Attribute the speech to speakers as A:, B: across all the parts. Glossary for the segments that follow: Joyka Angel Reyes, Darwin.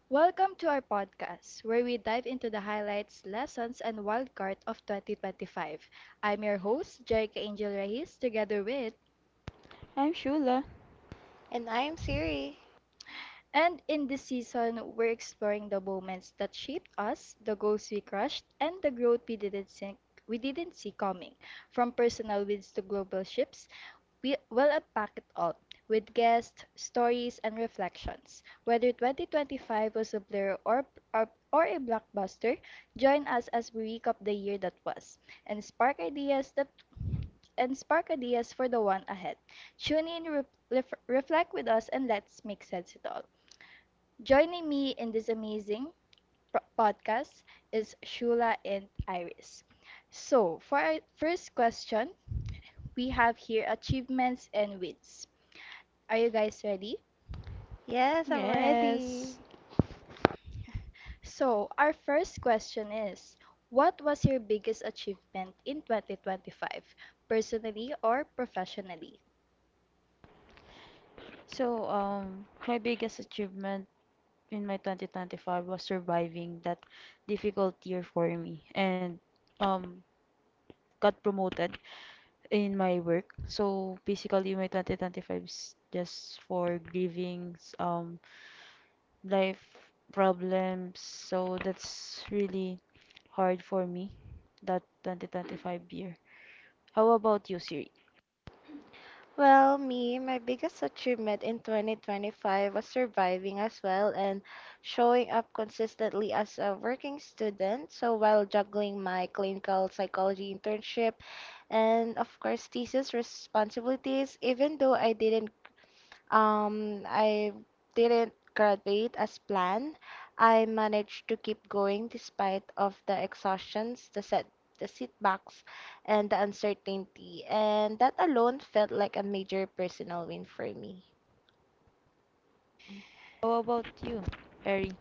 A: Welcome to our podcast, where we dive into the highlights, lessons, and wild card of 2025. I'm your host, Joyka Angel Reyes, together with,
B: I'm Shula.
C: And I'm Siri.
A: and in this season, we're exploring the moments that shaped us, the goals we crushed, and the growth we didn't see coming, from personal wins to global shifts. We will unpack it all with guests, stories, and reflections. Whether 2025 was a blur or a blockbuster, join us as we recap the year that was and spark ideas that and spark ideas for the one ahead. Tune in, reflect with us, and let's make sense of it all. Joining me in this amazing podcast is Shula and Iris. So, for our first question, we have here achievements and wins. Are you guys ready?
C: Yes, I'm ready.
B: Yes.
A: So, our first question is: what was your biggest achievement in 2025, personally or professionally?
B: My biggest achievement in my 2025 was surviving that difficult year for me and um got promoted in my work. So, basically my 2025 is just for grieving life problems. So, that's really hard for me that 2025 year. How about you, Siri?
C: Well, my biggest achievement in 2025 was surviving as well and showing up consistently as a working student. So, while juggling my clinical psychology internship and, of course, thesis responsibilities, even though I didn't graduate as planned. I managed to keep going despite of the exhaustions, the setbacks, and the uncertainty, and that alone felt like a major personal win for me.
B: How about you, Eri?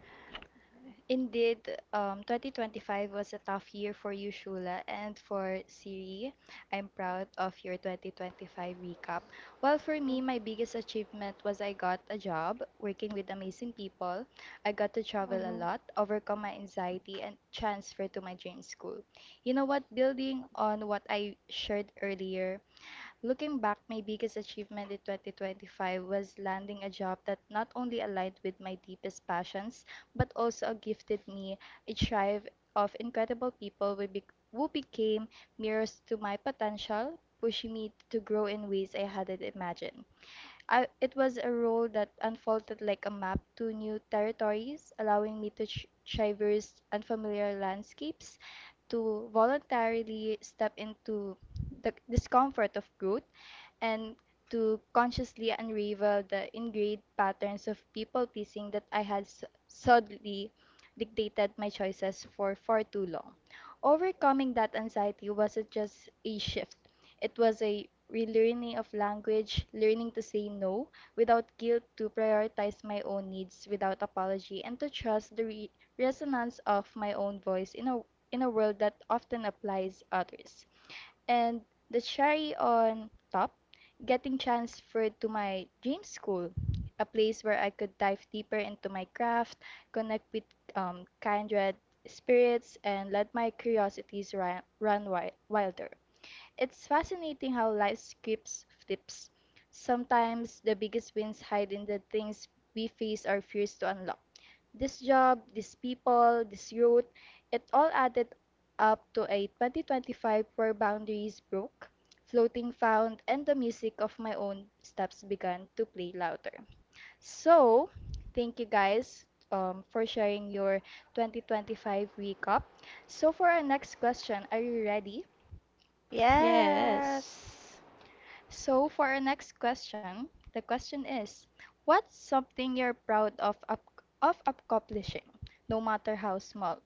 A: Indeed, 2025 was a tough year for you, Shula, and for Siri. I'm proud of your 2025 recap. Well, for me, my biggest achievement was I got a job working with amazing people. I got to travel a
C: Mm-hmm.
A: lot, overcome my anxiety, and transfer to my dream school. You know what? Building on what I shared earlier, looking back, my biggest achievement in 2025 was landing a job that not only aligned with my deepest passions, but also gifted me a tribe of incredible people who, bec who became mirrors to my potential, pushing me to grow in ways I hadn't imagined. It was a role that unfolded like a map to new territories, allowing me to tr traverse unfamiliar landscapes, to voluntarily step into the discomfort of growth and to consciously unravel the ingrained patterns of people pleasing that I had subtly dictated my choices for far too long. Overcoming that anxiety wasn't just a shift, it was a relearning of language, learning to say no without guilt, to prioritize my own needs without apology, and to trust the resonance of my own voice in a world that often applies others and the cherry on top, getting transferred to my dream school, a place where I could dive deeper into my craft, connect with kindred spirits, and let my curiosities run, run wilder. It's fascinating how life skips flips. Sometimes the biggest wins hide in the things we face or fears to unlock. This job, these people, this youth, it all added up to a 2025 where boundaries broke, floating found, and the music of my own steps began to play louder. So, thank you guys for sharing your 2025 recap. So, for our next question, are you ready?
B: Yes.
C: Yes.
A: So, for our next question, the question is: what's something you're proud of, of accomplishing, no matter how small?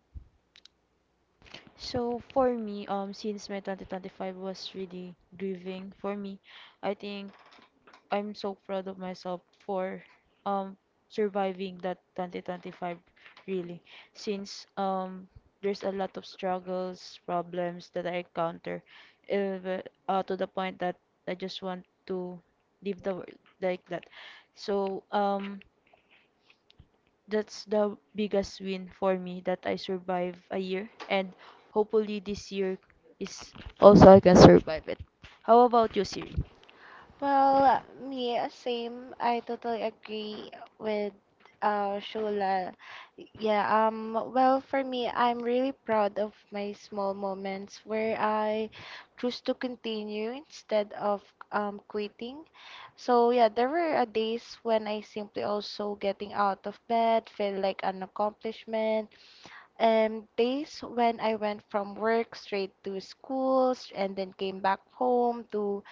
B: For me, since my 2025 was really grieving for me, I think I'm so proud of myself for um surviving that 2025, really. Since There's a lot of struggles, problems that I encounter, uh, to the point that I just want to leave the world like that. So um that's the biggest win for me, that I survive a year, and hopefully this year is. How about you, Siri?
C: Well, yeah, same. I totally agree with Shula. Yeah, well, for me, I'm really proud of my small moments where I choose to continue instead of quitting. So yeah, there were days when I simply also getting out of bed felt like an accomplishment, and days when I went from work straight to schools and then came back home to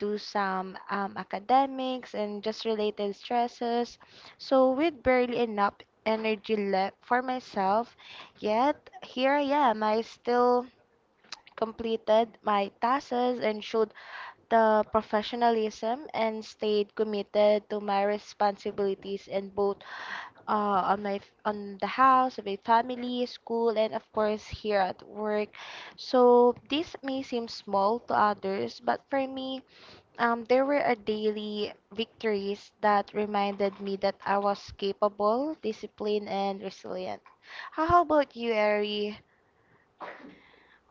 C: do some academics and just related stresses. So, with barely enough energy left for myself, yet here I am. I still completed my tasks and showed the professionalism and stayed committed to my responsibilities in both uh, on my on the house, my family, school, and of course here at work. So this may seem small to others, but for me, there were a daily victories that reminded me that I was capable, disciplined, and resilient. How about you, Ari?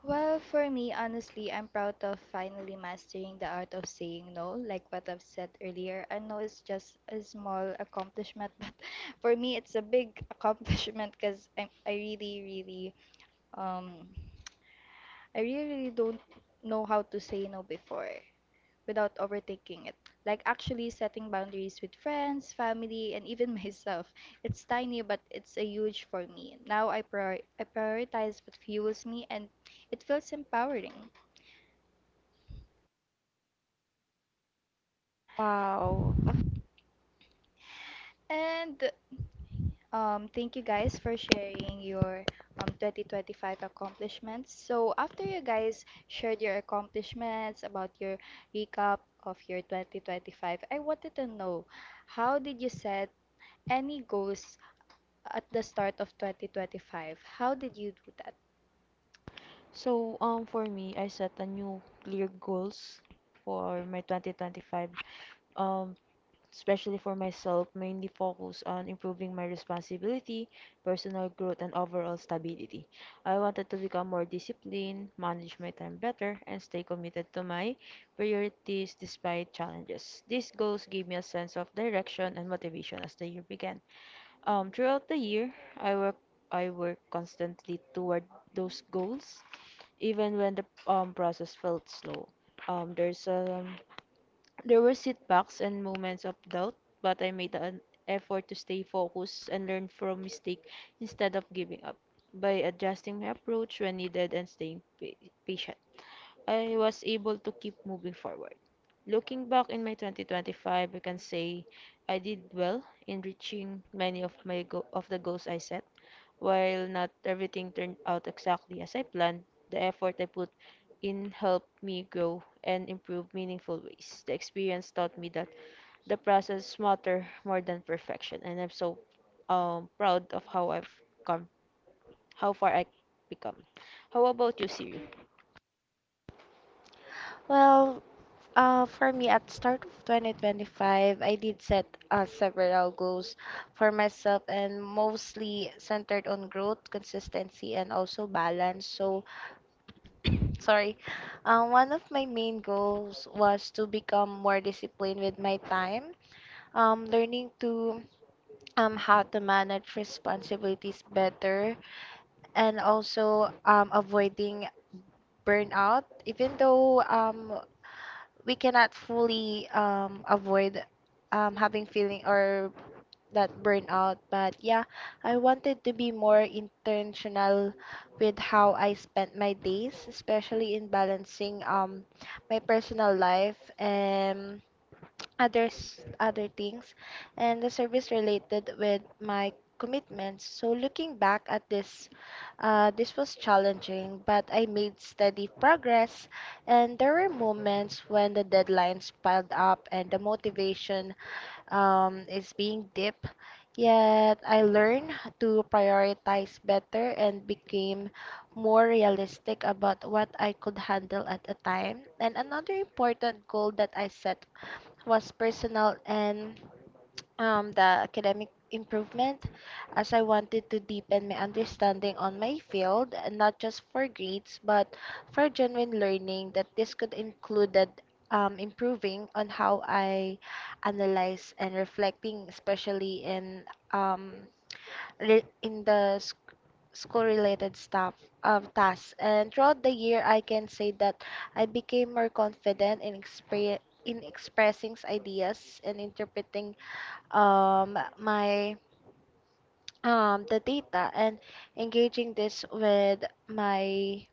A: Well, for me, honestly, I'm proud of finally mastering the art of saying no. Like what I've said earlier, I know it's just a small accomplishment, but for me, it's a big accomplishment because I really, really, um, don't know how to say no before without overthinking it. Like actually setting boundaries with friends, family, and even myself. It's tiny, but it's a huge for me. Now I prioritize what fuels me, and it feels empowering.
C: Wow.
A: And thank you guys for sharing your 2025 accomplishments. So, after you guys shared your accomplishments about your recap of your 2025, I wanted to know, how did you set any goals at the start of 2025? How did you do that?
B: For me, I set a new clear goals for my 2025, um especially for myself, mainly focus on improving my responsibility, personal growth, and overall stability. I wanted to become more disciplined, manage my time better, and stay committed to my priorities despite challenges. These goals gave me a sense of direction and motivation as the year began. Throughout the year, I work constantly toward those goals, even when the process felt slow. Um, there's a there were setbacks and moments of doubt, but I made an effort to stay focused and learn from mistake instead of giving up. By adjusting my approach when needed and staying patient, I was able to keep moving forward. Looking back in my 2025, I can say I did well in reaching many of the goals I set. While not everything turned out exactly as I planned, the effort I put in helped me grow and improve meaningful ways. The experience taught me that the process matter more than perfection, and I'm so proud of how I've come, how far I become. How about you, Siri?
C: Well, for me, at start of 2025, I did set several goals for myself and mostly centered on growth, consistency, and also balance. So, sorry. One of my main goals was to become more disciplined with my time, learning to how to manage responsibilities better, and also avoiding burnout, even though we cannot fully avoid having feeling or that burnout. But yeah, I wanted to be more intentional with how I spent my days, especially in balancing my personal life and other things and the service related with my commitments. So looking back at this was challenging, but I made steady progress, and there were moments when the deadlines piled up and the motivation is being deep, yet I learned to prioritize better and became more realistic about what I could handle at a time. And another important goal that I set was personal and the academic improvement, as I wanted to deepen my understanding on my field and not just for grades but for genuine learning. That this could include improving on how I analyze and reflecting, especially in um, in the school related stuff, tasks. And throughout the year, I can say that I became more confident in expressing ideas and interpreting my the data and engaging this with my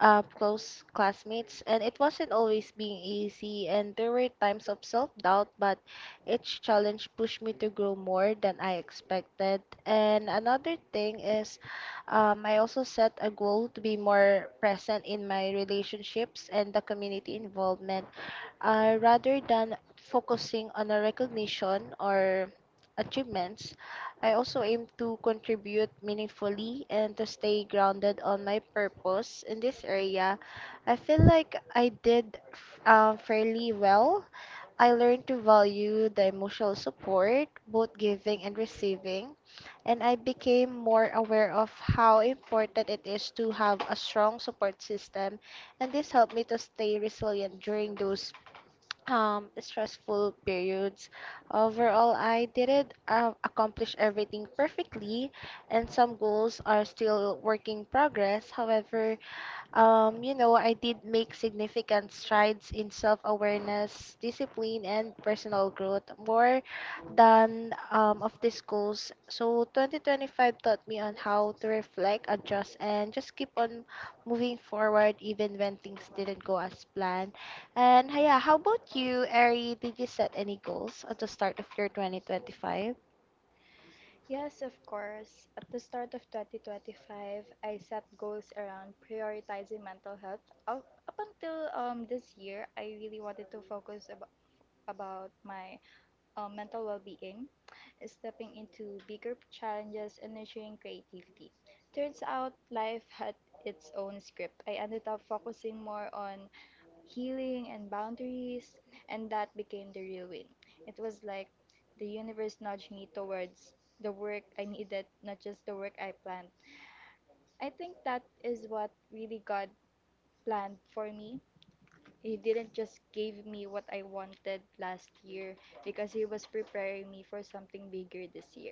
C: close classmates. And it wasn't always being easy, and there were times of self-doubt, but each challenge pushed me to grow more than I expected. And another thing is, I also set a goal to be more present in my relationships and the community involvement. Rather than focusing on a recognition or achievements, I also aim to contribute meaningfully and to stay grounded on my purpose in this area. I feel like I did fairly well. I learned to value the emotional support, both giving and receiving, and I became more aware of how important it is to have a strong support system, and this helped me to stay resilient during those stressful periods. Overall, I didn't accomplish everything perfectly, and some goals are still work in progress. However, I did make significant strides in self-awareness, discipline, and personal growth, more than of these goals. So 2025 taught me on how to reflect, adjust, and just keep on moving forward even when things didn't go as planned. And yeah, how about you, Ari? Did you set any goals at the start of your 2025?
A: Yes, of course. At the start of 2025, I set goals around prioritizing mental health. Up until this year, I really wanted to focus about, my mental well-being, stepping into bigger challenges and nurturing creativity. Turns out life had its own script. I ended up focusing more on healing and boundaries, and that became the real win. It was like the universe nudged me towards the work I needed, not just the work I planned. I think that is what really God planned for me. He didn't just give me what I wanted last year because he was preparing me for something bigger this year.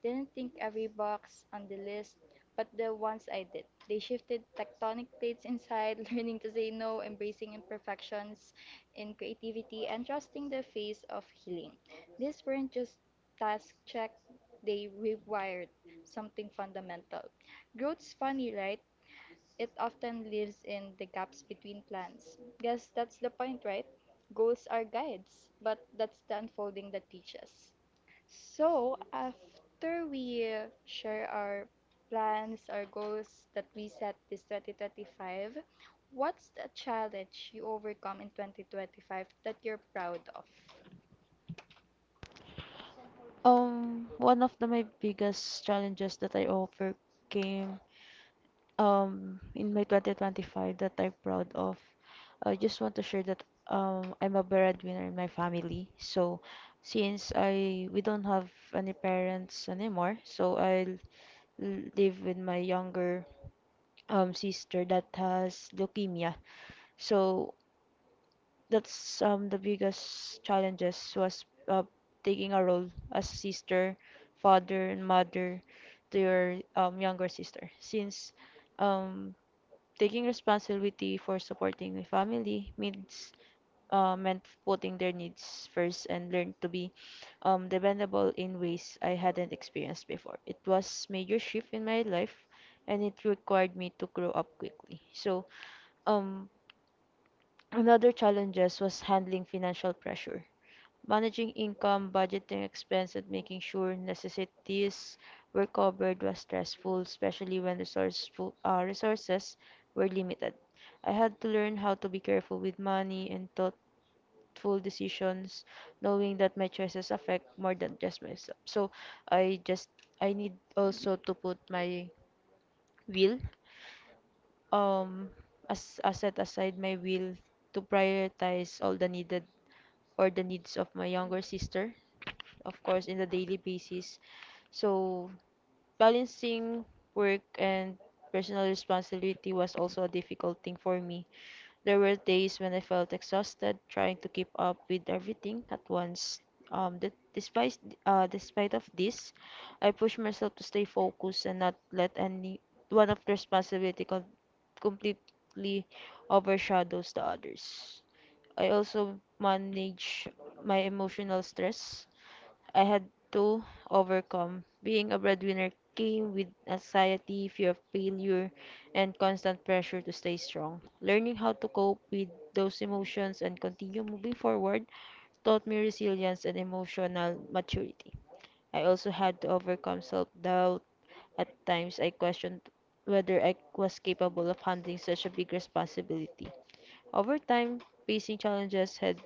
A: Didn't think every box on the list, but the ones I did. They shifted tectonic plates inside, learning to say no, embracing imperfections in creativity, and trusting the phase of healing. These weren't just task check, they rewired something fundamental. Growth's funny, right? It often lives in the gaps between plans. Guess that's the point, right? Goals are guides, but that's the unfolding that teaches. So, after we share our plans, our goals that we set this 2025, what's the challenge you overcome in 2025 that you're proud of?
B: One of the my biggest challenges that I overcame in my 2025 that I'm proud of. I just want to share that I'm a breadwinner in my family. So since I we don't have any parents anymore, so I live with my younger sister that has leukemia. So that's the biggest challenges was taking a role as sister, father, and mother to your younger sister. Since um, taking responsibility for supporting the family means meant putting their needs first and learn to be dependable in ways I hadn't experienced before. It was major shift in my life, and it required me to grow up quickly. So um, another challenges was handling financial pressure, managing income, budgeting expense, and making sure necessities were covered was stressful, especially when resources were limited. I had to learn how to be careful with money and thoughtful decisions, knowing that my choices affect more than just myself. So I just I need also to put my will, um as I set aside my will to prioritize all the needed or the needs of my younger sister, of course, in the daily basis. So, balancing work and personal responsibility was also a difficult thing for me. There were days when I felt exhausted trying to keep up with everything at once. That despite despite of this, I pushed myself to stay focused and not let any one of the responsibility completely overshadows the others. I also manage my emotional stress I had to overcome. Being a breadwinner came with anxiety, fear of failure, and constant pressure to stay strong. Learning how to cope with those emotions and continue moving forward taught me resilience and emotional maturity. I also had to overcome self doubt. At times, I questioned whether I was capable of handling such a big responsibility. Over time, facing challenges head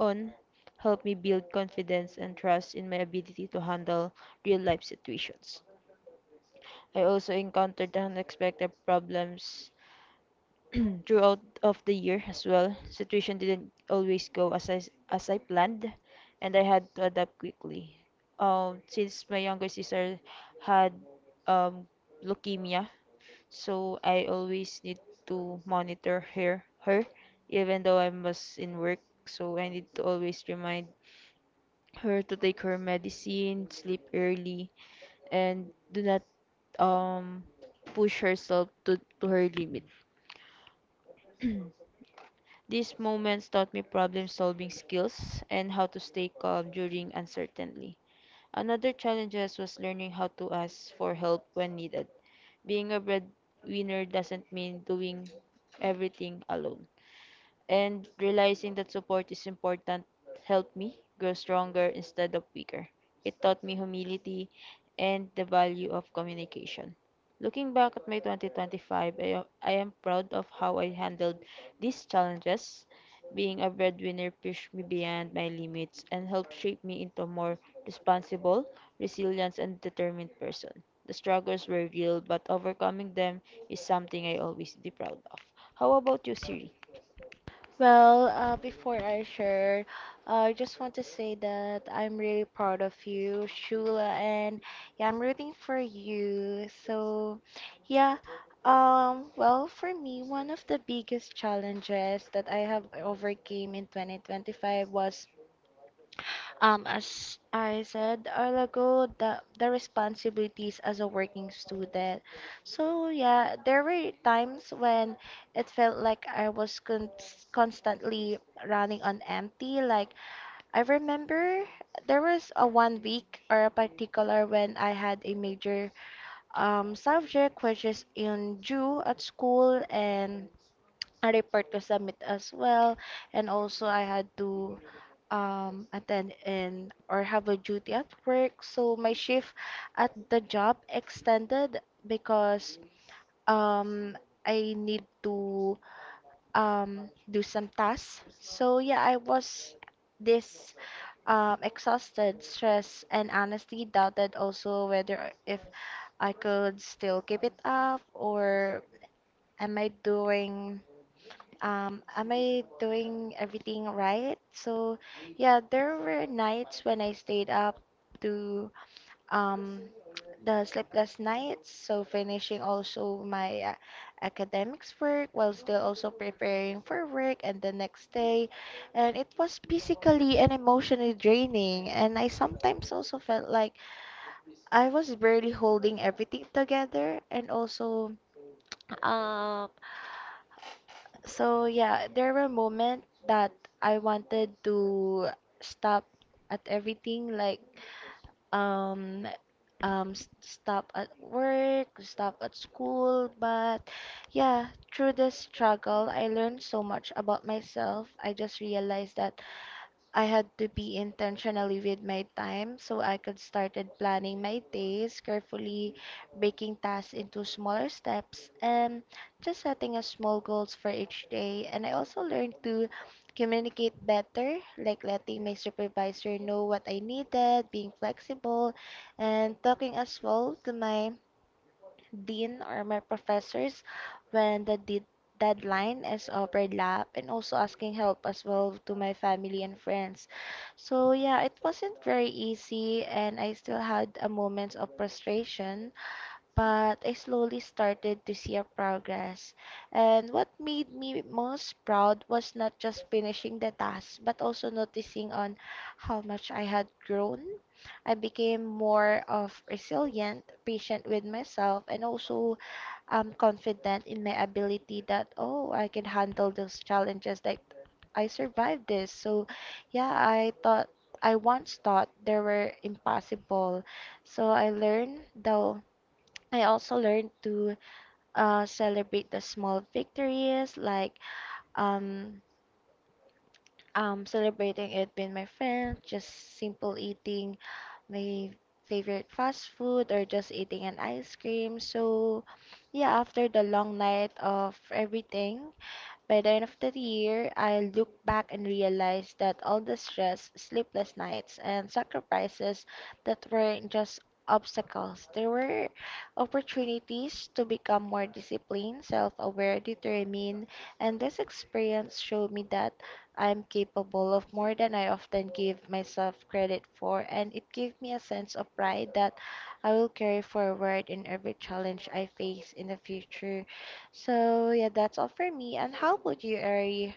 B: on helped me build confidence and trust in my ability to handle real life situations. I also encountered unexpected problems throughout of the year as well. Situation didn't always go as I planned, and I had to adapt quickly. Since my younger sister had um, leukemia, so I always need to monitor her, even though I was in work. So I need to always remind her to take her medicine, sleep early, and do not um push herself to her limit. These moments taught me problem solving skills and how to stay calm during uncertainty. Another challenge was learning how to ask for help when needed. Being a breadwinner doesn't mean doing everything alone, and realizing that support is important helped me grow stronger instead of weaker. It taught me humility and the value of communication. Looking back at my 2025, I am proud of how I handled these challenges. Being a breadwinner pushed me beyond my limits and helped shape me into a more responsible, resilient, and determined person. The struggles were real, but overcoming them is something I always be proud of. How about you, Siri?
C: Well, before I share, I just want to say that I'm really proud of you, Shula, and yeah, I'm rooting for you. So, yeah, well, for me, one of the biggest challenges that I have overcame in 2025 was as I said earlier ago, the responsibilities as a working student. So yeah, there were times when it felt like I was constantly running on empty. Like I remember there was a 1 week or a particular when I had a major subject which is in Jew at school and a report to submit as well, and also I had to attend in or have a duty at work. So my shift at the job extended because um I need to do some tasks. So yeah, I was this exhausted, stressed, and honestly doubted also whether if I could still keep it up or am I doing everything right? So, yeah, there were nights when I stayed up to um, the sleepless nights, so finishing also my academics work while still also preparing for work and the next day. And it was physically and emotionally draining, and I sometimes also felt like I was barely holding everything together and also. Um, so yeah, there were moments that I wanted to stop at everything, like um stop at work, stop at school, but yeah, through this struggle, I learned so much about myself. I just realized that I had to be intentionally with my time, so I could started planning my days carefully, breaking tasks into smaller steps and just setting a small goals for each day. And I also learned to communicate better, like letting my supervisor know what I needed, being flexible, and talking as well to my dean or my professors when the deadline is overlap, and also asking help as well to my family and friends. So yeah, it wasn't very easy and I still had a moment of frustration, but I slowly started to see a progress. And what made me most proud was not just finishing the task, but also noticing on how much I had grown. I became more of resilient, patient with myself, and also confident in my ability that, oh, I can handle those challenges. Like, I survived this. So, yeah, I once thought they were impossible. So I learned, though, I also learned to celebrate the small victories, like um, celebrating it with my friends, just simple eating my favorite fast food or just eating an ice cream. So, yeah, after the long night of everything, by the end of the year, I look back and realize that all the stress, sleepless nights, and sacrifices that weren't just obstacles, they were opportunities to become more disciplined, self aware, determined, and this experience showed me that I'm capable of more than I often give myself credit for, and it gave me a sense of pride that I will carry forward in every challenge I face in the future. So yeah, that's all for me. And how about you, Ari?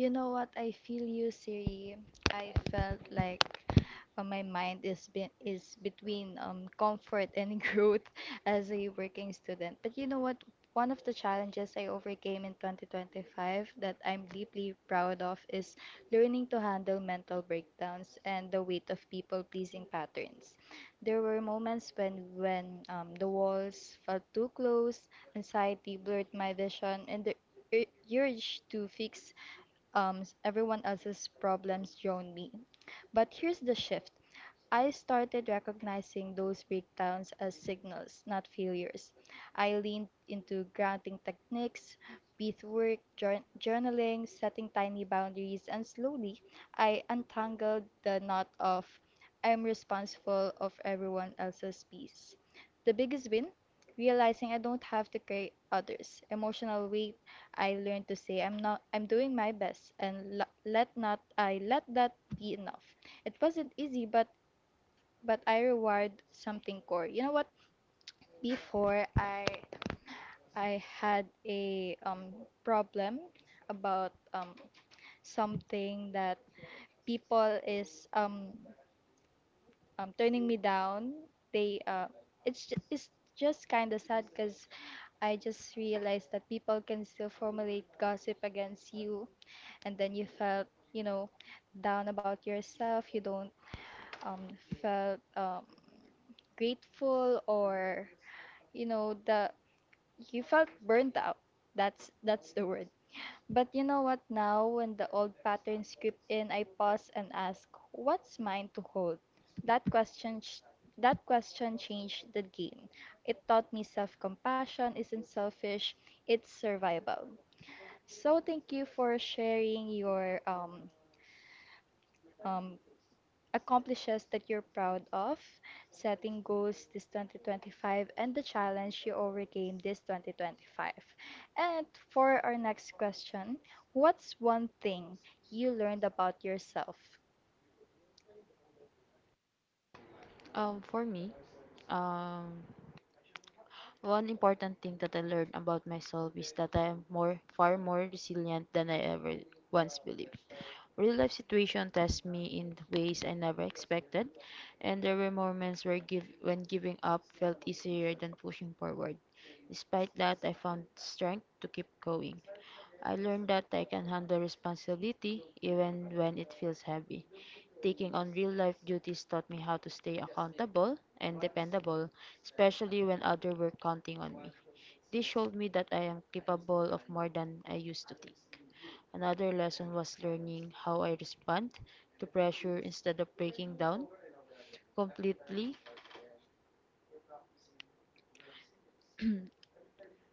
A: You know what? I feel you, Siri. I felt like my mind is between comfort and growth as a working student. But you know what? One of the challenges I overcame in 2025 that I'm deeply proud of is learning to handle mental breakdowns and the weight of people-pleasing patterns. There were moments when the walls felt too close, anxiety blurred my vision, and the urge to fix everyone else's problems drown me. But here's the shift: I started recognizing those breakdowns as signals, not failures. I leaned into grounding techniques, breath work, journaling, setting tiny boundaries, and slowly I untangled the knot of I'm responsible of everyone else's peace. The biggest win? Realizing I don't have to carry others' emotional weight, I learned to say I'm not I'm doing my best and lo- let not I let that be enough. It wasn't easy, but I reward something core. You know what? Before, I had a problem about something that people is turning me down. They uh it's just kind of sad because I just realized that people can still formulate gossip against you, and then you felt, you know down about yourself. You don't um felt grateful or, you know the you felt burnt out. That's the word. But you know what? Now, when the old patterns creep in, I pause and ask, what's mine to hold? That question ch- that question changed the game. It taught me self-compassion isn't selfish, it's survival. So thank you for sharing your um accomplishes that you're proud of, setting goals this 2025, and the challenge you overcame this 2025. And for our next question, what's one thing you learned about yourself?
B: For me, um, one important thing that I learned about myself is that I am far more resilient than I ever once believed. Real life situation test me in ways I never expected, and there were moments where when giving up felt easier than pushing forward. Despite that, I found strength to keep going. I learned that I can handle responsibility even when it feels heavy. Taking on real life duties taught me how to stay accountable and dependable, especially when others were counting on me. This showed me that I am capable of more than I used to think. Another lesson was learning how I respond to pressure. Instead of breaking down completely,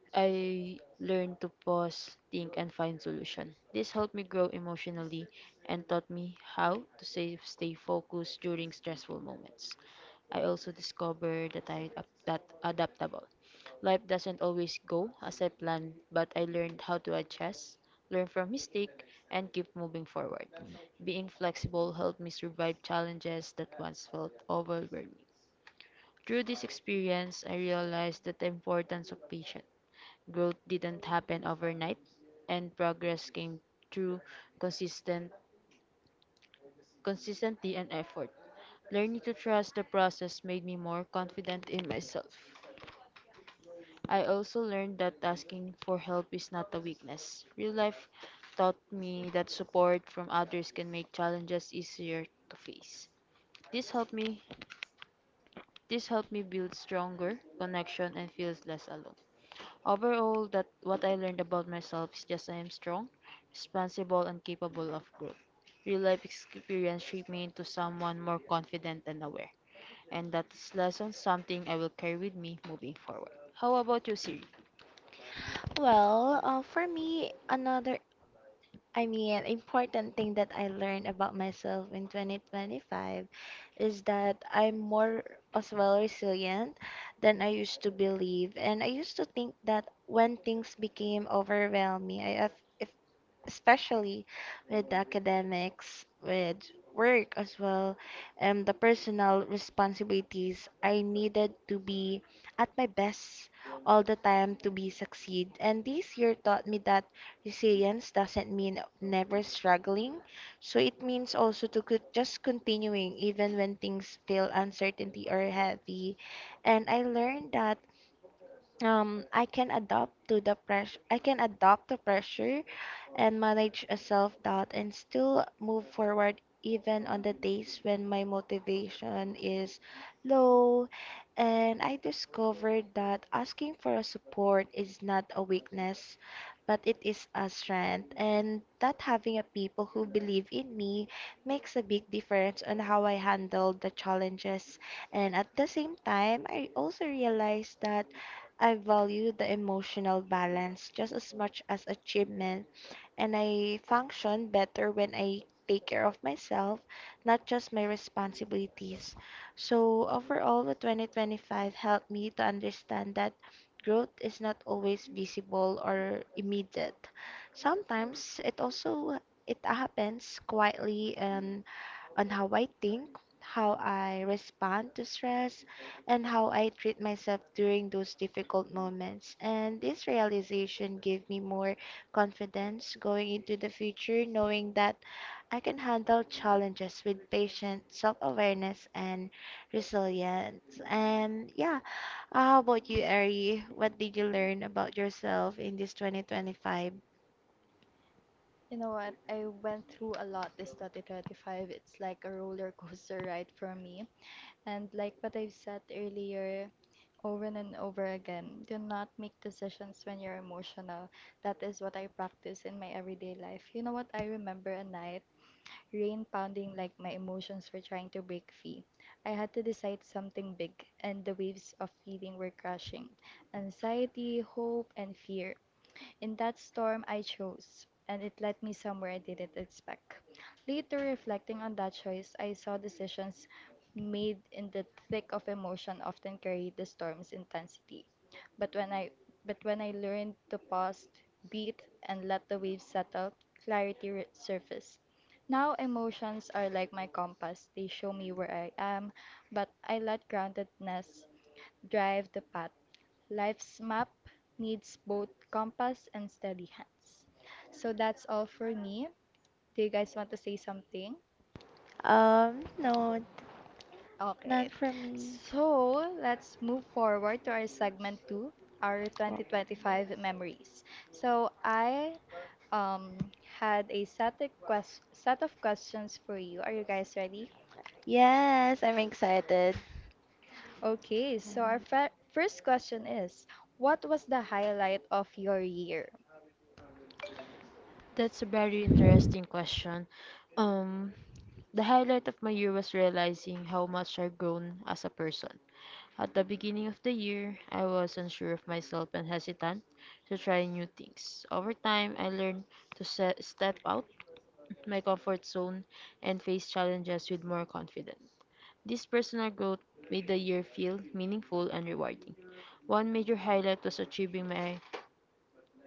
B: I learned to pause, think, and find solution. This helped me grow emotionally and taught me how to stay focused during stressful moments. I also discovered that I am that adaptable. Life doesn't always go as I planned, but I learned how to adjust, learn from mistake, and keep moving forward. Being flexible helped me survive challenges that once felt overwhelming. Through this experience, I realized that the importance of patience. Growth didn't happen overnight, and progress came through consistent consistency and effort. Learning to trust the process made me more confident in myself. I also learned that asking for help is not a weakness. Real life taught me that support from others can make challenges easier to face. This helped me this helped me build stronger connection and feels less alone. Overall, that what I learned about myself is just I am strong, responsible, and capable of growth. Real life experience shaped me into someone more confident and aware, and that is lesson something I will carry with me moving forward. How about you, Siri?
C: Well, for me, important thing that I learned about myself in 2025 is that I'm more as well resilient than I used to believe. And I used to think that when things became overwhelming, if if especially with the academics, with work as well, and the personal responsibilities. I needed to be at my best all the time to be succeed. And this year taught me that resilience doesn't mean never struggling. So it means also to just continuing even when things feel uncertainty or heavy. And I learned that I can adapt to pressure and manage a self-doubt and still move forward even on the days when my motivation is low. And I discovered that asking for a support is not a weakness, but it is a strength. And that having a people who believe in me makes a big difference on how I handle the challenges. And at the same time, I also realized that I value the emotional balance just as much as achievement, and I function better when I take care of myself, not just my responsibilities. So, overall, the 2025 helped me to understand that growth is not always visible or immediate. Sometimes it happens quietly and on how I think, how I respond to stress, and how I treat myself during those difficult moments. And this realization gave me more confidence going into the future, knowing that I can handle challenges with patience, self awareness, and resilience. And yeah, how about you, Ari? What did you learn about yourself in this 2025?
A: You know what? I went through a lot this 2025. It's like a roller coaster ride for me. And like what I've said earlier, over and over again, do not make decisions when you're emotional. That is what I practice in my everyday life. You know what? I remember a night, rain pounding like my emotions were trying to break free. I had to decide something big, and the waves of feeling were crashing: anxiety, hope, and fear. In that storm, I chose, and it led me somewhere I didn't expect. Later, reflecting on that choice, I saw decisions made in the thick of emotion often carry the storm's intensity. But when I but when I learned to pause, breathe, and let the waves settle, clarity surfaced. Now emotions are like my compass. They show me where I am, but I let groundedness drive the path. Life's map needs both compass and steady hands. So that's all for me. Do you guys want to say something?
C: No,
A: Okay.
C: not for me.
A: So let's move forward to our segment two, our 2025 memories. So I um, had a set of, quest- set of questions for you. Are you guys ready?
C: Yes, I'm excited.
A: Okay, so our first question is: what was the highlight of your year?
B: That's a very interesting question. Um, the highlight of my year was realizing how much I've grown as a person. At the beginning of the year, I was unsure of myself and hesitant to try new things. Over time, I learned to step out my comfort zone and face challenges with more confidence. This personal growth made the year feel meaningful and rewarding. One major highlight was achieving my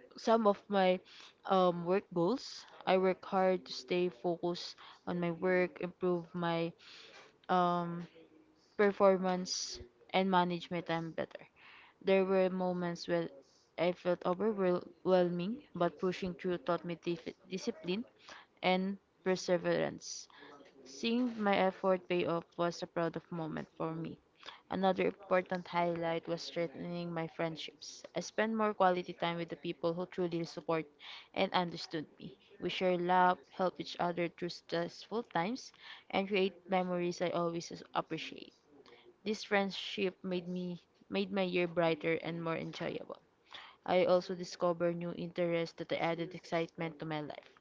B: some of my work goals. I worked hard to stay focused on my work, improve my um, performance, and manage my time better. There were moments where I felt overwhelming, but pushing through taught me discipline and perseverance. Seeing my effort pay off was a proud of moment for me. Another important highlight was strengthening my friendships. I spent more quality time with the people who truly support and understood me. We share love, help each other through stressful times, and create memories I always appreciate. This friendship made my year brighter and more enjoyable. I also discovered new interests that added excitement to my life.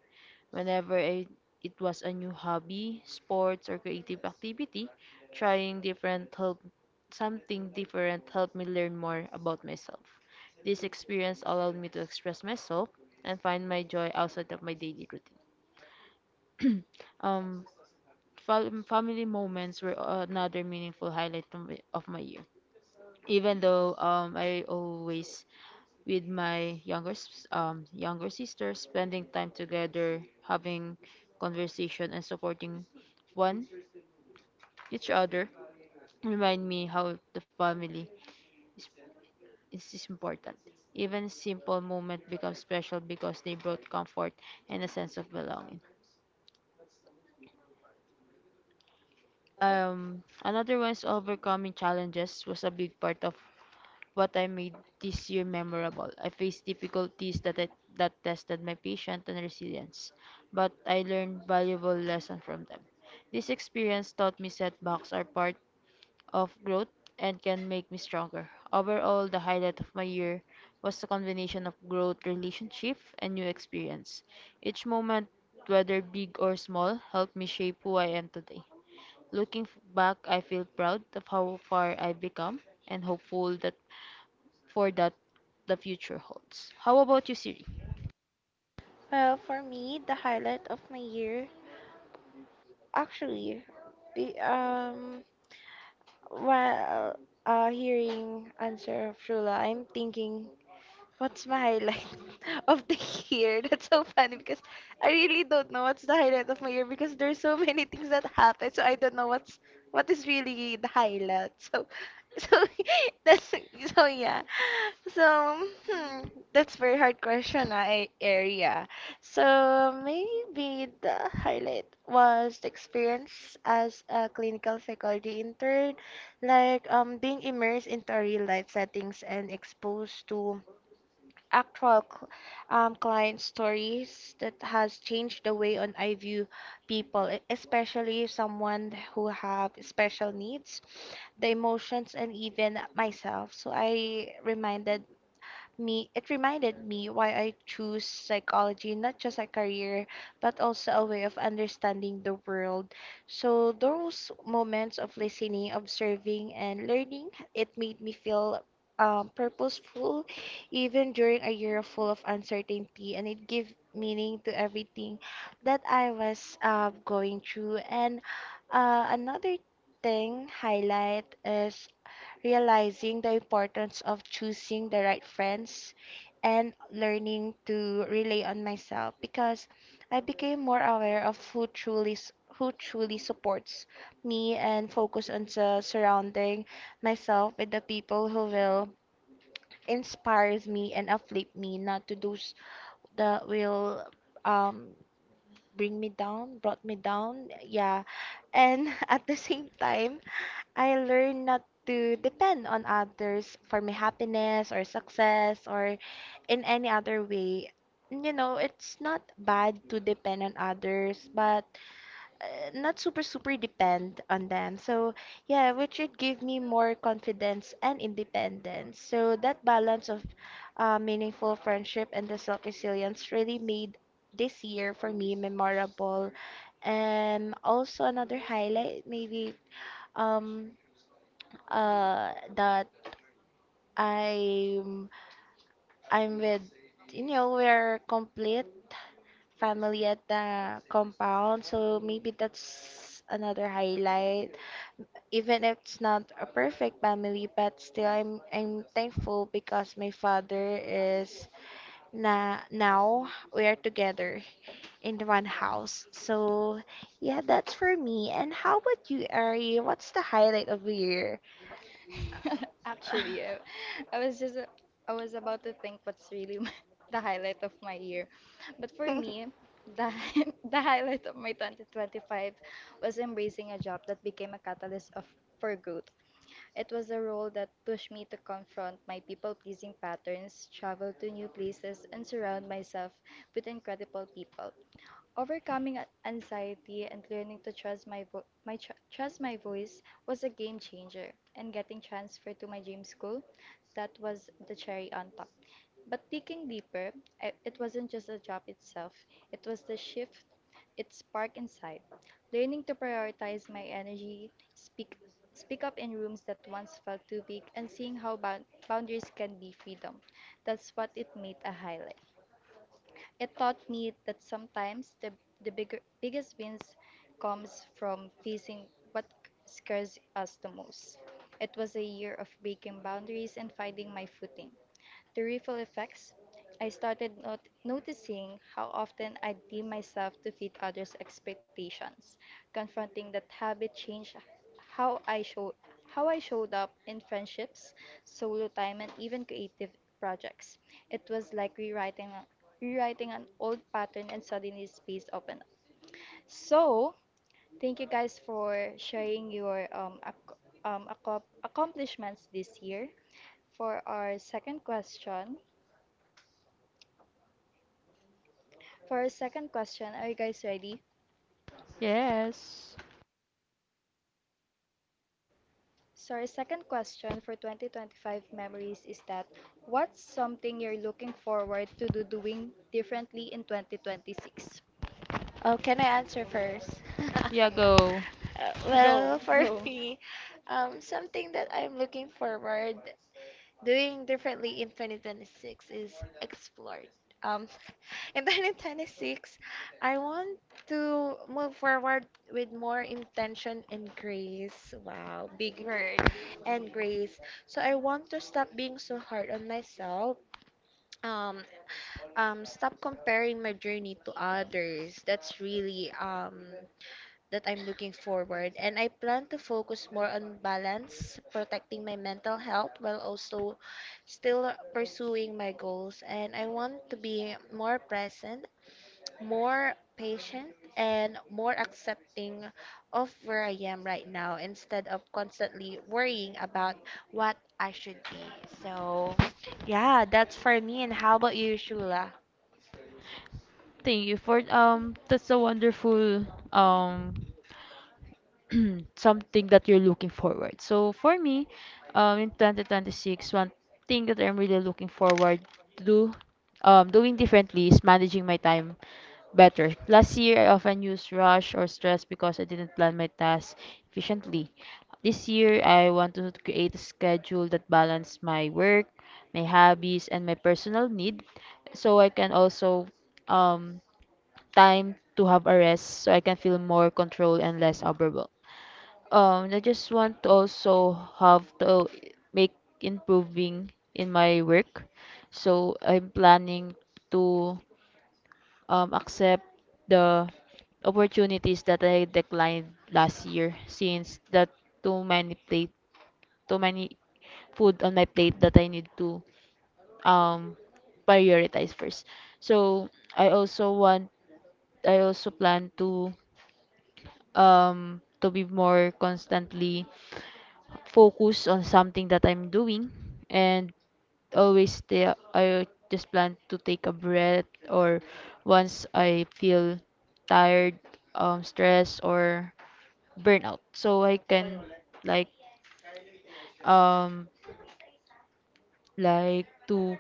B: Whenever I, it was a new hobby, sports, or creative activity, trying different help something different helped me learn more about myself. This experience allowed me to express myself and find my joy outside of my daily routine. Um, family moments were another meaningful highlight of my year. Even though I always with my younger younger sister, spending time together, having conversation and supporting one each other remind me how the family is is important. Even simple moment become special because they brought comfort and a sense of belonging. Another one is overcoming challenges was a big part of what I made this year memorable. I faced difficulties that tested my patience and resilience, but I learned valuable lessons from them. This experience taught me setbacks are part of growth and can make me stronger. Overall, the highlight of my year was the combination of growth, relationship, and new experience. Each moment, whether big or small, helped me shape who I am today. Looking back, I feel proud of how far I've become and hopeful that for that the future holds. How about you, Siri?
C: Well, for me, the highlight of my year, actually, be, um, while hearing answer of Shula, I'm thinking, what's my highlight of the year? That's so funny because I really don't know what's the highlight of my year because there's so many things that happen. So I don't know what is really the highlight. So that's so yeah. So hmm, that's very hard question area. So maybe the highlight was the experience as a clinical psychology intern, like being immersed into real life settings and exposed to actual client stories that has changed the way on I view people, especially someone who have special needs, the emotions, and even myself. So I reminded me it reminded me why I choose psychology not just a career but also a way of understanding the world. So those moments of listening, observing and learning, it made me feel purposeful even during a year full of uncertainty, and it gave meaning to everything that I was going through. And another thing highlight is realizing the importance of choosing the right friends and learning to rely on myself, because I became more aware of who truly supports me, and focus on surrounding myself with the people who will inspires me and uplift me, not to those that will um bring me down, yeah. And at the same time, I learned not to depend on others for my happiness or success or in any other way. You know, it's not bad to depend on others, but not super, super depend on them. So, yeah, which it gave me more confidence and independence. So that balance of meaningful friendship and the self resilience really made this year for me memorable. And also, another highlight, maybe. Um, that I'm I'm with, you know, we're complete family at the compound, so maybe that's another highlight. Even if it's not a perfect family, but still I'm thankful because my father is na now we are together in the one house. So yeah, that's for me. And how about you, Ari? What's the highlight of the year?
A: Actually, I was just I was about to think what's really the highlight of my year. But for me, the the highlight of my 2025 was embracing a job that became a catalyst of for growth. It was a role that pushed me to confront my people-pleasing patterns, travel to new places, and surround myself with incredible people. Overcoming anxiety and learning to trust my vo- my tr- trust my voice was a game changer, and getting transferred to my dream school, that was the cherry on top. But digging deeper, it wasn't just the job itself; it was the shift, it spark inside. Learning to prioritize my energy, speak up in rooms that once felt too big, and seeing how boundaries can be freedom. That's what it made a highlight. It taught me that sometimes the bigger, biggest wins comes from facing what scares us the most. It was a year of breaking boundaries and finding my footing. The ripple effects. I started not noticing how often I deem myself to fit others' expectations. Confronting that habit changed how I show how I showed up in friendships, solo time, and even creative projects. It was like rewriting an old pattern, and suddenly space opened up. So, thank you guys for sharing your accomplishments this year. For our second question, For our second question, are you guys ready?
B: Yes.
A: So, our second question for 2025 memories is that what's something you're looking forward to do doing differently in 2026?
C: Oh, can I answer first?
B: Yeah, go.
A: Go,
C: Well, for
A: go.
C: me, something that I'm looking forward doing differently in 2026 is explore. Um, in 2026, I want to move forward with more intention and grace. Wow, big word. And grace. So I want to stop being so hard on myself. Um, stop comparing my journey to others. That's really that I'm looking forward, and I plan to focus more on balance, protecting my mental health while also still pursuing my goals. And I want to be more present, more patient, and more accepting of where I am right now instead of constantly worrying about what I should be. So, yeah, that's for me. And how about you, Shula?
B: Thank you for that's a wonderful um something that you're looking forward. So for me, in 2026, one thing that I'm really looking forward to do doing differently is managing my time better. Last year, I often used rush or stress because I didn't plan my tasks efficiently. This year, I want to create a schedule that balances my work, my hobbies, and my personal need so I can also um time to have a rest so I can feel more control and less overwhelmed. I just want to also have to make improving in my work. So I'm planning to accept the opportunities that I declined last year since that too many plate too many food on my plate that I need to um prioritize first. So I also want I also plan to be more constantly focused on something that I'm doing and always the I just plan to take a breath or once I feel tired, stress or burnout. So I can like um like to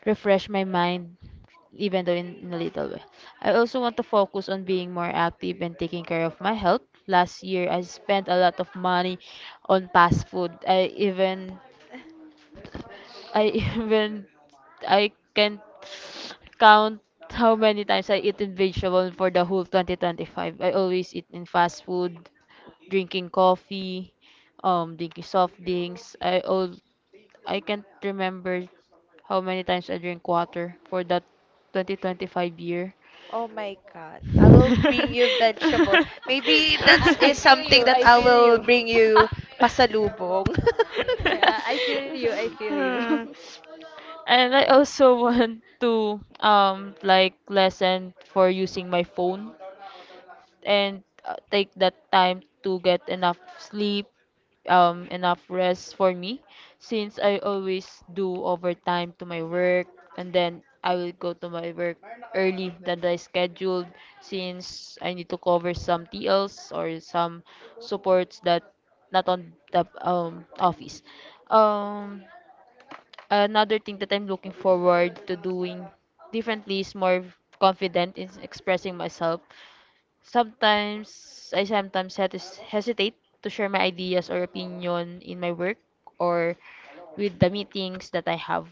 B: refresh my mind even though in a little way. I also want to focus on being more active and taking care of my health. Last year I spent a lot of money on fast food. I even I even I can't count how many times I eat in vegetable for the whole 2025. I always eat in fast food, drinking coffee, drinking soft drinks. I can't remember how many times I drink water for that 2025 year.
C: Oh my God, I will bring you vegetable. Maybe that's
A: I
C: is
A: feel
C: something
A: you,
C: that
A: I
C: I
A: feel
C: will
A: you.
C: bring you pasalubong.
A: Yeah, I feel you, I feel you.
B: And I also want to like lesson for using my phone and take that time to get enough sleep, enough rest for me since I always do overtime to my work and then I will go to my work early than I scheduled since I need to cover some TLs or some supports that not on the office. Um Another thing that I'm looking forward to doing differently is more confident in expressing myself. Sometimes I hesitate to share my ideas or opinion in my work or with the meetings that I have.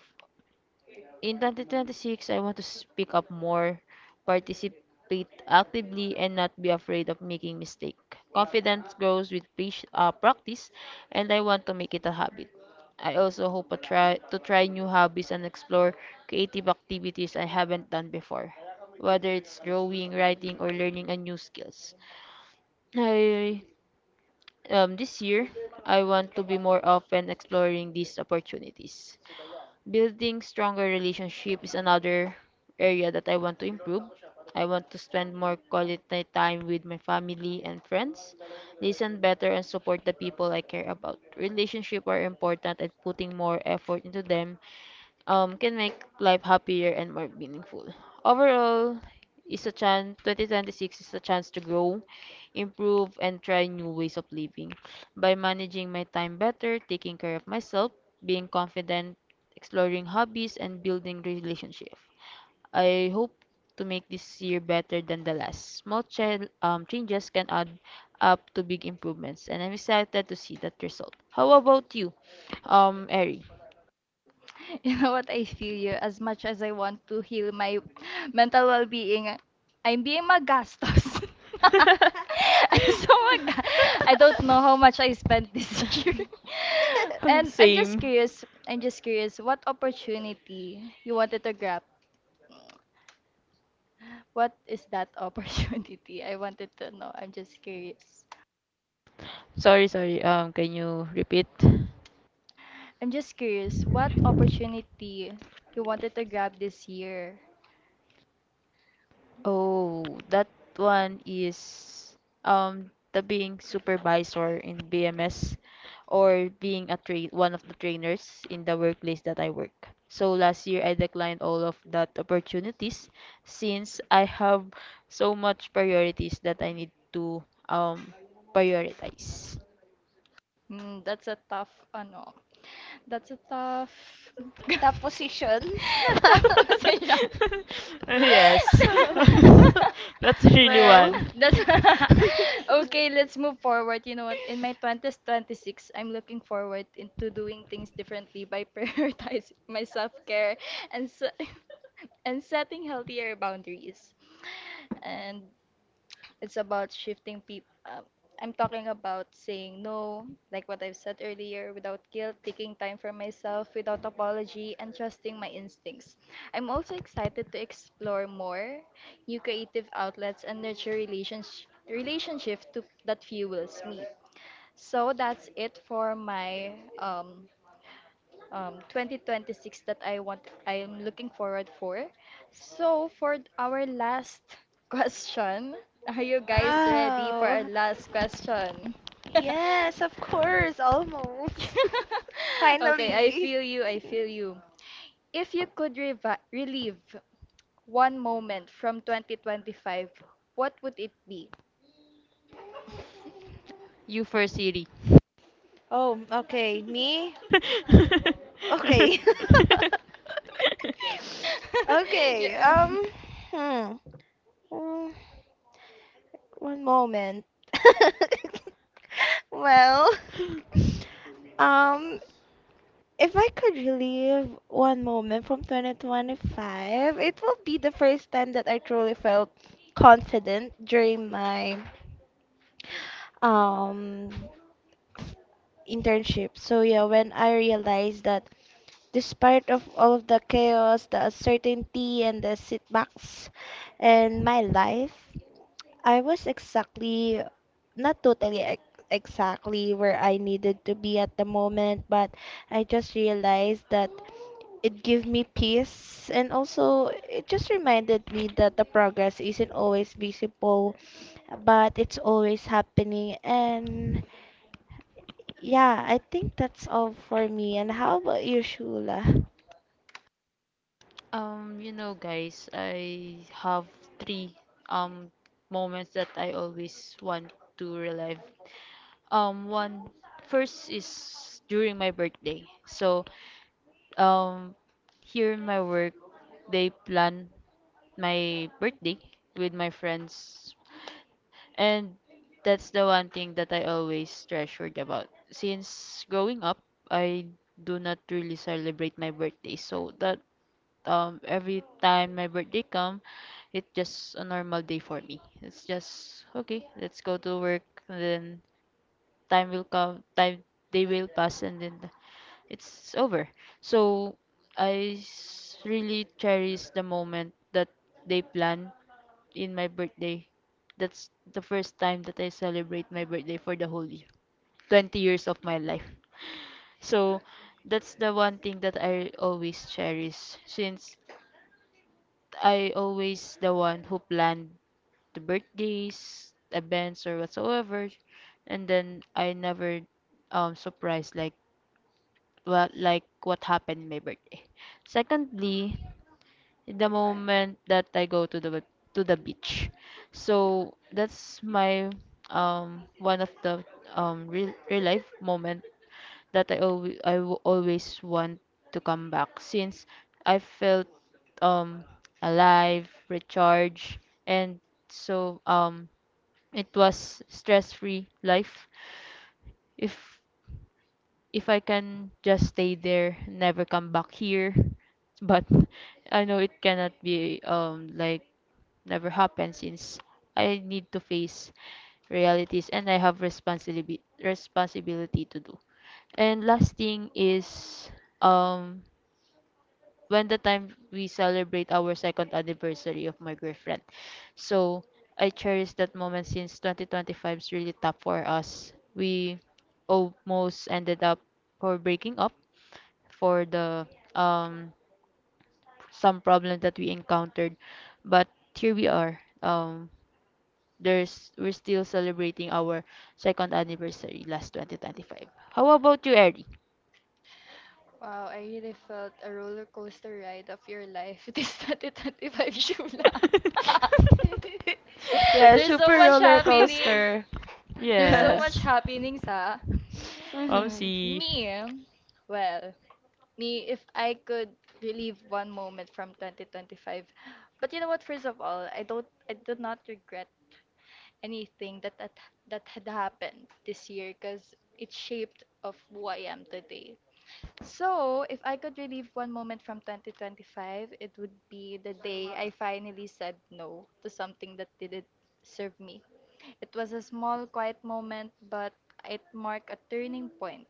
B: In 2026, I want to speak up more, participate actively, and not be afraid of making mistake. Confidence grows with practice, and I want to make it a habit. I also hope to try new hobbies and explore creative activities I haven't done before, whether it's drawing, writing, or learning a new skills. I, this year, I want to be more often exploring these opportunities. Building stronger relationship is another area that I want to improve. I want to spend more quality time with my family and friends, listen better and support the people I care about. Relationships are important and putting more effort into them can make life happier and more meaningful. Overall, is a chance 2026 is a chance to grow, improve and try new ways of living by managing my time better, taking care of myself, being confident, exploring hobbies and building relationships. I hope to make this year better than the last. Small changes can add up to big improvements and I'm excited to see that result. How about you? Eric?
A: You know what? I feel you. As much as I want to heal my mental well-being, I'm being magastos. I'm so mag- I don't know how much I spent this year. And
B: Same.
A: I'm just curious, what opportunity you wanted to grab? What is that opportunity? I wanted to know. I'm just curious.
B: Sorry, sorry. Can you repeat?
A: I'm just curious, what opportunity you wanted to grab this year?
B: Oh, that one is the being supervisor in BMS or being a train one of the trainers in the workplace that I work. So last year I declined all of that opportunities since I have so much priorities that I need to um prioritize.
A: Mm, that's a tough ano. That's a tough
C: That position.
A: tough position.
B: Yes. That's really
C: Well.
B: one.
A: That's okay. Let's move forward. You know what? In my twenties, twenty six, I'm looking forward into doing things differently by prioritizing my self care and and setting healthier boundaries. And it's about shifting people. I'm talking about saying no, like what I've said earlier, without guilt, taking time for myself, without apology, and trusting my instincts. I'm also excited to explore more new creative outlets and nurture relationship to that fuels me. So that's it for my um, 2026 that I am looking forward for. So for our last question, are you guys ready for our
C: Wow.
A: last question?
C: Yes, of course, almost.
A: Okay, I
C: Finally.
A: feel you, I feel you. If you could revi relive one moment from 2025, what would it be?
B: You first, Siri.
C: Oh, okay. Me? Okay. Okay.
A: Yeah.
C: Hmm. Mm, one moment. Well, um, if I could relive one moment from 2025, it will be the first time that I truly felt confident during my um internship. So yeah, when I realized that despite of all of the chaos, the uncertainty, and the setbacks in my life, I was not totally exactly where I needed to be at the moment, but I just realized that it gave me peace, and also it just reminded me that the progress isn't always visible, but it's always happening. And yeah, I think that's all for me. And how about you, Shula?
B: You know, guys, I have three um moments that I always want to relive. One First is during my birthday. So, um, here in my work, they plan my birthday with my friends. And that's the one thing that I always treasured about. Since growing up, I do not really celebrate my birthday. So that every time my birthday come, it's just a normal day for me. It's just okay, let's go to work and then time they will pass and then it's over. So I really cherish the moment that they plan in my birthday. That's the first time that I celebrate my birthday for the whole year. 20 years of my life. So that's the one thing that I always cherish since I always the one who planned the birthdays, events or whatsoever and then I never surprised like what happened in my birthday. Secondly, the moment that I go to the beach. So that's my one of the real, real life moment that I always want to come back since I felt um alive, recharged, and so it was stress free life if if I can just stay there, never come back here. But I know it cannot be never happen since I need to face realities and I have responsibility to do. And last thing is um when the time we celebrate our second anniversary of my girlfriend. So I cherish that moment since 2025 is really tough for us. We almost ended up for breaking up for the um some problem that we encountered, but here we are. There's We're still celebrating our second anniversary last 2025. How about you, Eddie?
A: Wow, I really felt a roller coaster ride of your life. This 2025 Shula.
C: Yeah,
A: There's so
C: super
A: much
C: roller
A: happenings.
C: coaster.
A: There's so
B: Yes.
A: much happenings, ha.
C: Mhm.
B: See.
A: Me, well, me, if I could relive one moment from 2025. But you know what? First of all, I do not regret anything that had happened this year because it shaped of who I am today. So, if I could relive one moment from 2025, it would be the day I finally said no to something that didn't serve me. It was a small, quiet moment, but it marked a turning point.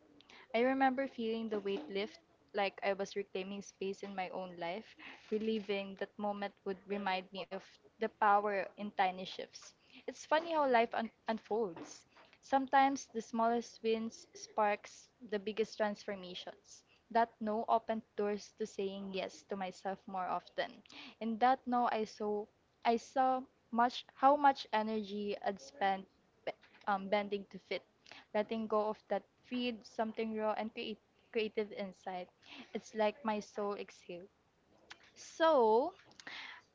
A: I remember feeling the weight lift, like I was reclaiming space in my own life. Reliving that moment would remind me of the power in tiny shifts. It's funny how life unfolds. Sometimes the smallest wins sparks the biggest transformations. That no opened doors to saying yes to myself more often. In that no I saw much how much energy I'd spent be- bending to fit, letting go of that feed something raw and creative inside. It's like my soul exhaled. So,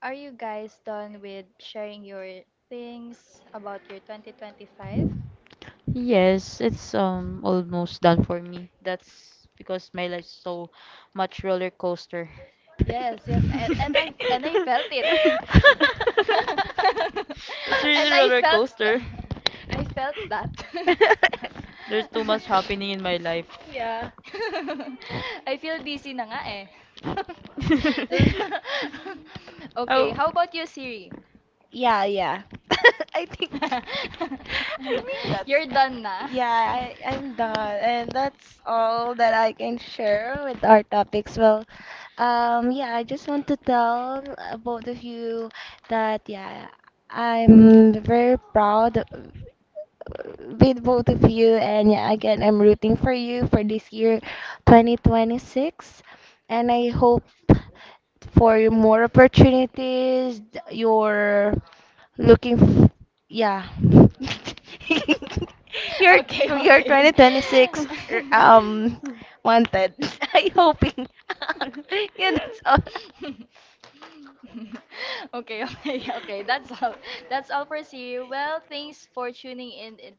A: are you guys done with sharing your things about your 2025?
B: Yes, it's almost done for me. That's because my life's so much roller coaster.
A: Yes, yes, and I felt it.
B: That's really
A: and
B: roller coaster.
A: I felt that.
B: There's too much happening in my life.
C: Yeah.
A: I feel busy na nga eh. So, okay,
B: Oh.
A: how about you, Siri?
C: Yeah, yeah. I think I think that's
A: You're done na.
C: yeah, I'm done. And that's all that I can share with our topics. Well, yeah, I just want to tell both of you that, yeah, I'm very proud with both of you. And yeah, again, I'm rooting for you for this year 2026, and I hope for more opportunities your Looking, f- yeah. You're
A: Okay,
C: you're
A: okay.
C: 2026 wanted. I hoping. Yeah, that's all.
A: Okay, okay, okay. That's all. That's all for see. Well,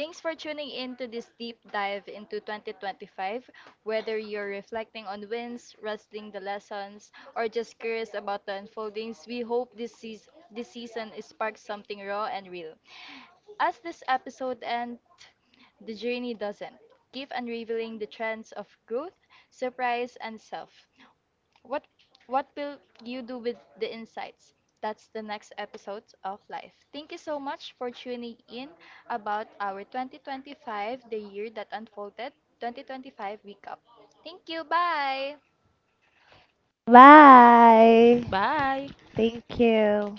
A: Thanks for tuning in to this deep dive into 2025. Whether you're reflecting on wins, wrestling the lessons, or just curious about the unfoldings, we hope this seas this season sparks something raw and real. As this episode ends, the journey doesn't. Keep unraveling the trends of growth, surprise, and self. What what will you do with the insights? That's the next episode of Life. Thank you so much for tuning in about our 2025, the year that unfolded 2025 recap. Thank you. Bye.
C: Bye.
B: Bye.
C: Thank you.